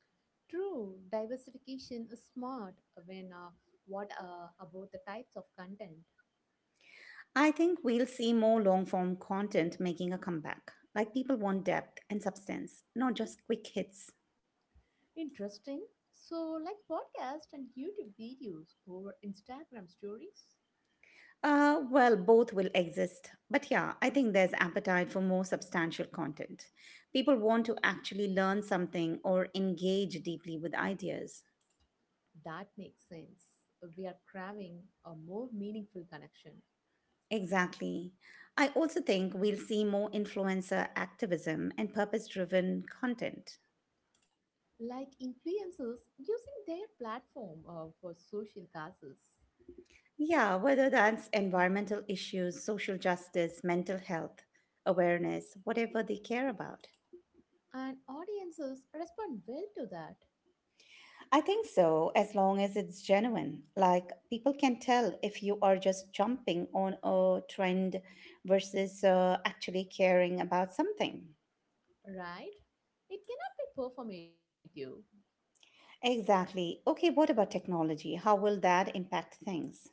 *laughs* True, diversification is smart when what about the types of content?
I think we'll see more long form content making a comeback. Like people want depth and substance, not just quick hits.
Interesting. So, like podcast and YouTube videos over Instagram stories?
Well, both will exist. But yeah, I think there's appetite for more substantial content. People want to actually learn something or engage deeply with ideas.
That makes sense. We are craving a more meaningful connection.
Exactly. I also think we'll see more influencer activism and purpose driven content.
Like influencers using their platform for social causes.
Yeah, whether that's environmental issues, social justice, mental health awareness, whatever they care about.
And audiences respond well to that,
I think so, as long as it's genuine. Like people can tell if you are just jumping on a trend versus actually caring about something.
right? It cannot be performative.
Exactly. Okay, what about technology? How will that impact things?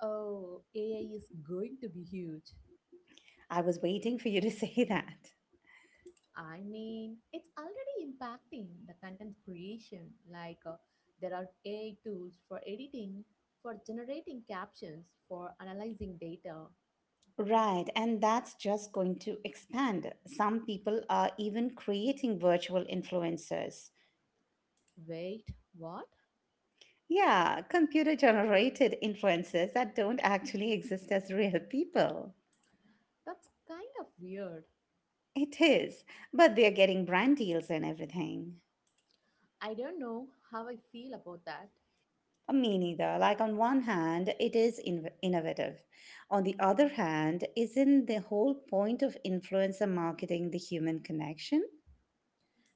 Oh, AI is going to be huge.
I was waiting for you to *laughs* say that.
I mean, it's already impacting the content creation. There are AI tools for editing, for generating captions, for analyzing data.
Right, and that's just going to expand. Some people are even creating virtual influencers.
Wait, what?
Yeah, computer generated influencers that don't actually exist as real people.
That's kind of weird.
It is, but they're getting brand deals and everything.
I don't know how I feel about that.
Me neither. Like, on one hand, it is innovative. On the other hand, isn't the whole point of influencer marketing the human connection?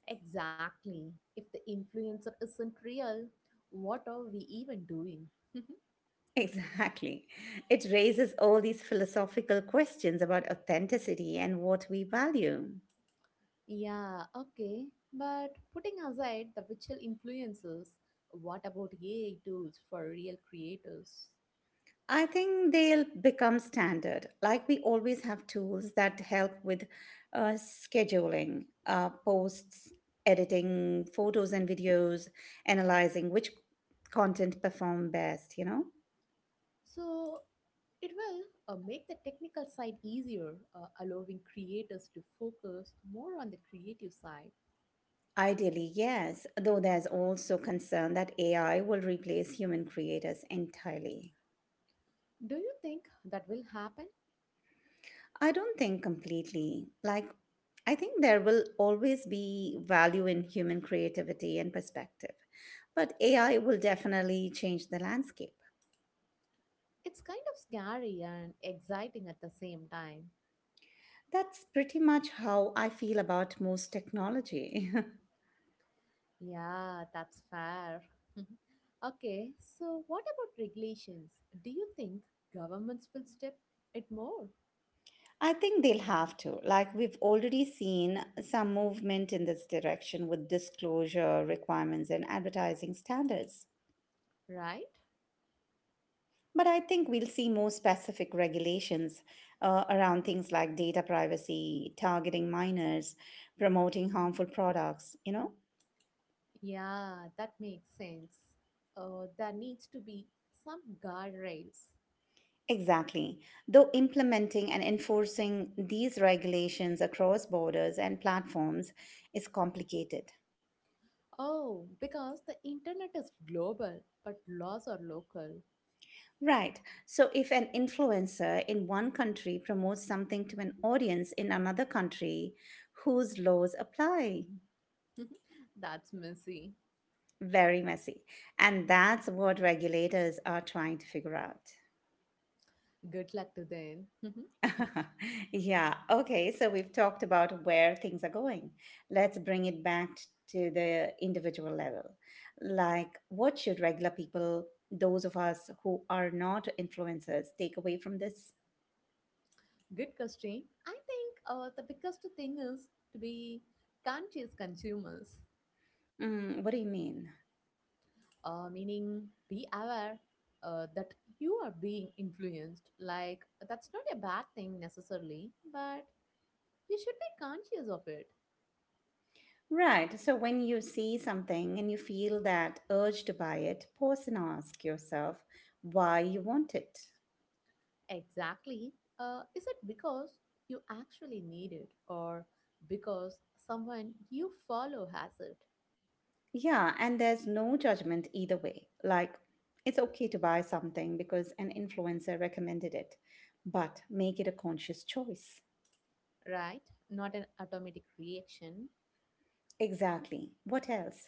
Exactly. If the influencer isn't real, what are we even doing? *laughs*
Exactly. It raises all these philosophical questions about authenticity and what we value.
Yeah, okay. But putting aside the virtual influencers, what about AI tools for real creators?
I think they'll become standard. Like we always have tools that help with scheduling, posts, editing photos and videos, analyzing which content perform best, you know?
So it will make the technical side easier, allowing creators to focus more on the creative side.
Ideally, yes, though there's also concern that AI will replace human creators entirely.
Do you think that will happen?
I don't think completely. Like, I think there will always be value in human creativity and perspective, but AI will definitely change the landscape.
It's kind of scary and exciting at the same time.
That's pretty much how I feel about most technology. *laughs*
Yeah, that's fair. *laughs* Okay, so what about regulations? Do you think governments will step it more,
I think they'll have to. Like, we've already seen some movement in this direction with disclosure requirements and advertising standards.
right?
But I think we'll see more specific regulations around things like data privacy, targeting minors, promoting harmful products, you know?
Yeah, that makes sense. There needs to be some guardrails.
Exactly. Though implementing and enforcing these regulations across borders and platforms is complicated.
Oh, because the internet is global, but laws are local.
Right. So if an influencer in one country promotes something to an audience in another country, whose laws apply?
*laughs* That's messy.
Very messy. And that's what regulators are trying to figure out.
Good luck to them. *laughs*
*laughs* Yeah, okay, so we've talked about where things are going. Let's bring it back to the individual level. Like, what should regular people, those of us who are not influencers, take away from this?
Good question. I think the biggest thing is to be conscious consumers,
Mm, what do you mean?
meaning be aware that you are being influenced. Like, that's not a bad thing necessarily, but you should be conscious of it.
Right, so when you see something and you feel that urge to buy it, pause and ask yourself why you want it.
Exactly. Is it because you actually need it or because someone you follow has it,
Yeah, and there's no judgment either way. Like, it's okay to buy something because an influencer recommended it, but make it a conscious choice.
right? Not an automatic reaction.
Exactly. What else?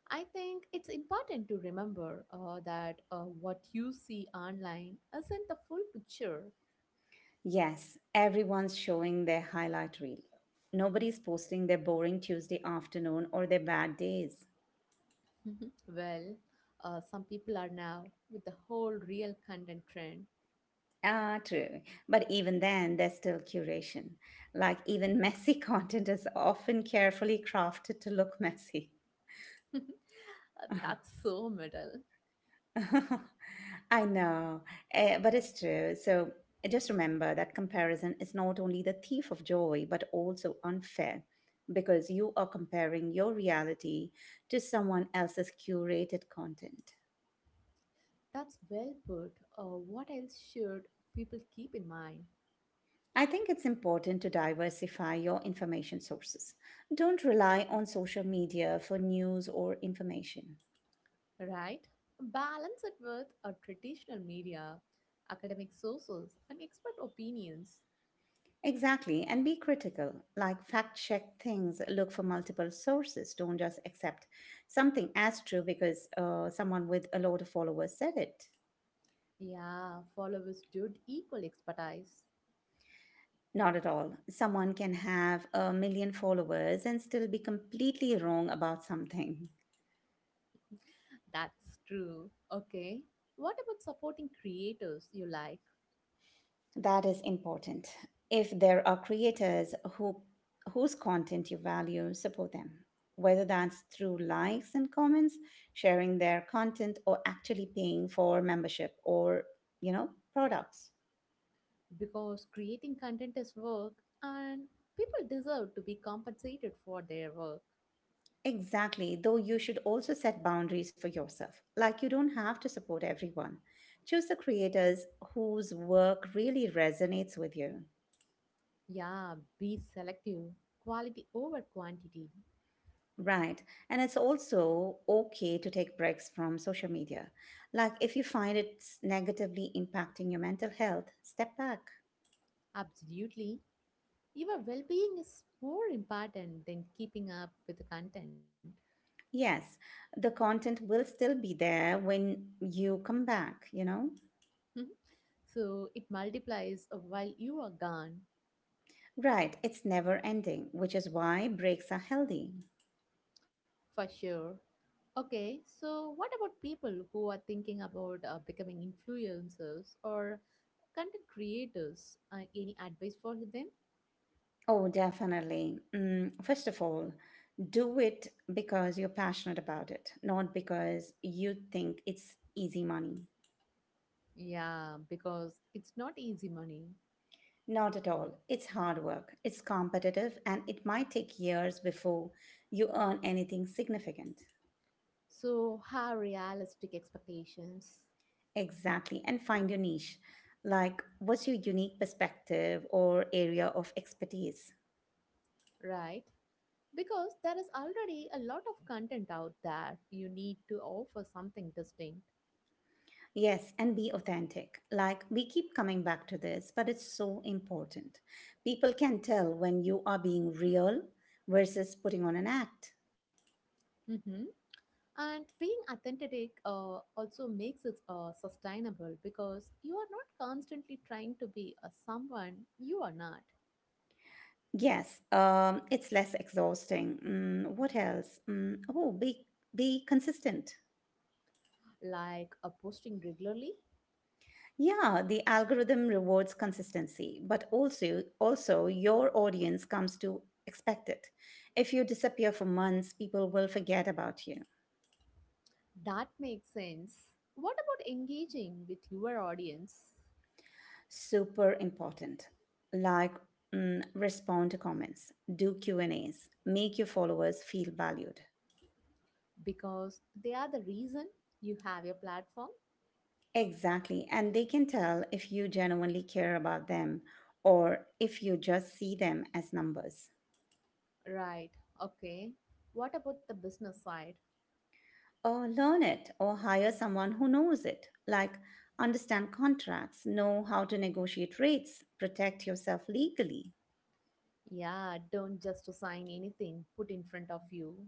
I think it's important to remember that what you see online isn't the full picture.
Yes, everyone's showing their highlight reel. Nobody's posting their boring Tuesday afternoon or their bad days.
*laughs* Well, some people are now with the whole real content trend.
Ah, true. But even then, there's still curation. Like, even messy *laughs* content is often carefully crafted to look messy.
*laughs*
*laughs*
That's so middle.
*laughs* I know, but it's true. So just remember that comparison is not only the thief of joy, but also unfair because you are comparing your reality to someone else's curated content.
That's well put. What else should people keep in mind,
I think it's important to diversify your information sources. Don't rely on social media for news or information.
right? Balance it with a traditional media, academic sources, and expert opinions.
Exactly, and be critical. Like fact check things, look for multiple sources. Don't just accept something as true because someone with a lot of followers said it.
Yeah, followers should equal expertise.
Not at all. Someone can have a million followers and still be completely wrong about something.
That's true. Okay. What about supporting creators you like?
That is important. If there are creators whose content you value, support them. Whether that's through likes and comments, sharing their content or actually paying for membership or, you know, products.
Because creating content is work and people deserve to be compensated for their work.
Exactly. Though you should also set boundaries for yourself. Like you don't have to support everyone. Choose the creators whose work really resonates with you.
Yeah, be selective. Quality over quantity.
Right. And it's also okay to take breaks from social media. Like if you find it's negatively impacting your mental health, step back.
Absolutely. Your well being is more important than keeping up with the content.
Yes, the content will still be there when you come back, you know?
*laughs* So it multiplies while you are gone,
Right. It's never ending, which is why breaks are healthy.
for sure. Okay, so what about people who are thinking about becoming influencers or content creators? Any advice for them?
Oh, definitely. Mm, first of all, do it because you're passionate about it, not because you think it's easy money.
Yeah, because it's not easy money.
Not at all. It's hard work, it's competitive, and it might take years before you earn anything significant.
So, have realistic expectations,
Exactly, and find your niche. Like, what's your unique perspective or area of expertise?
right? Because there is already a lot of content out there. You need to offer something distinct.
Yes, and be authentic. Like, we keep coming back to this, but it's so important. People can tell when you are being real versus putting on an act.
Mhm. And being authentic also makes it sustainable because you are not constantly trying to be a someone you are not,
Yes, it's less exhausting. Mm, what else? Mm, oh, be consistent.
like a posting regularly.
Yeah, the algorithm rewards consistency, but also your audience comes to expect it. If you disappear for months, people will forget about you.
That makes sense. What about engaging with your audience?
Super important. Like mm, respond to comments, do Q&As, make your followers feel valued.
Because they are the reason you have your platform.
Exactly, and they can tell if you genuinely care about them or if you just see them as numbers.
Right. Okay. What about the business side?
Or learn it or hire someone who knows it, like understand contracts, know how to negotiate rates, protect yourself legally.
Yeah, don't just assign anything put in front of you.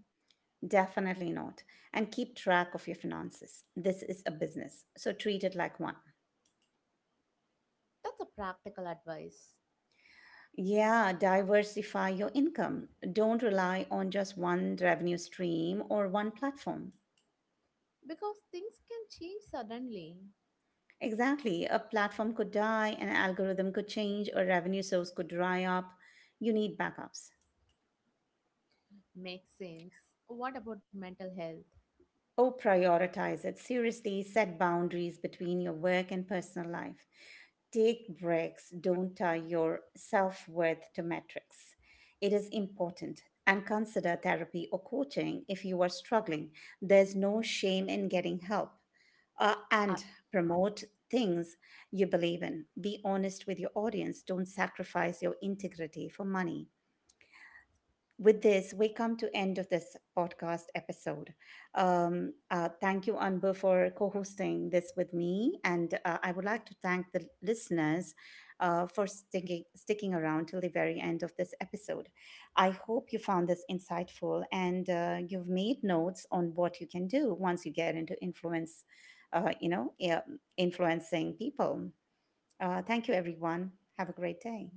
Definitely not. And keep track of your finances. This is a business, so treat it like one.
That's a practical advice.
Yeah, diversify your income. Don't rely on just one revenue stream or one platform.
Because things can change suddenly.
Exactly. A platform could die, an algorithm could change, a revenue source could dry up. You need backups.
Makes sense. What about mental health?
Oh, prioritize it. Seriously, set boundaries between your work and personal life. Take breaks. Don't tie your self worth to metrics. It is important. And consider therapy or coaching if you are struggling. There's no shame in getting help. And promote things you believe in. Be honest with your audience. Don't sacrifice your integrity for money with this we come to end of this podcast episode thank you Anbu for co-hosting this with me and I would like to thank the listeners for sticking around till the very end of this episode. I hope you found this insightful and you've made notes on what you can do once you get into influence yeah, influencing people. Thank you everyone. Have a great day.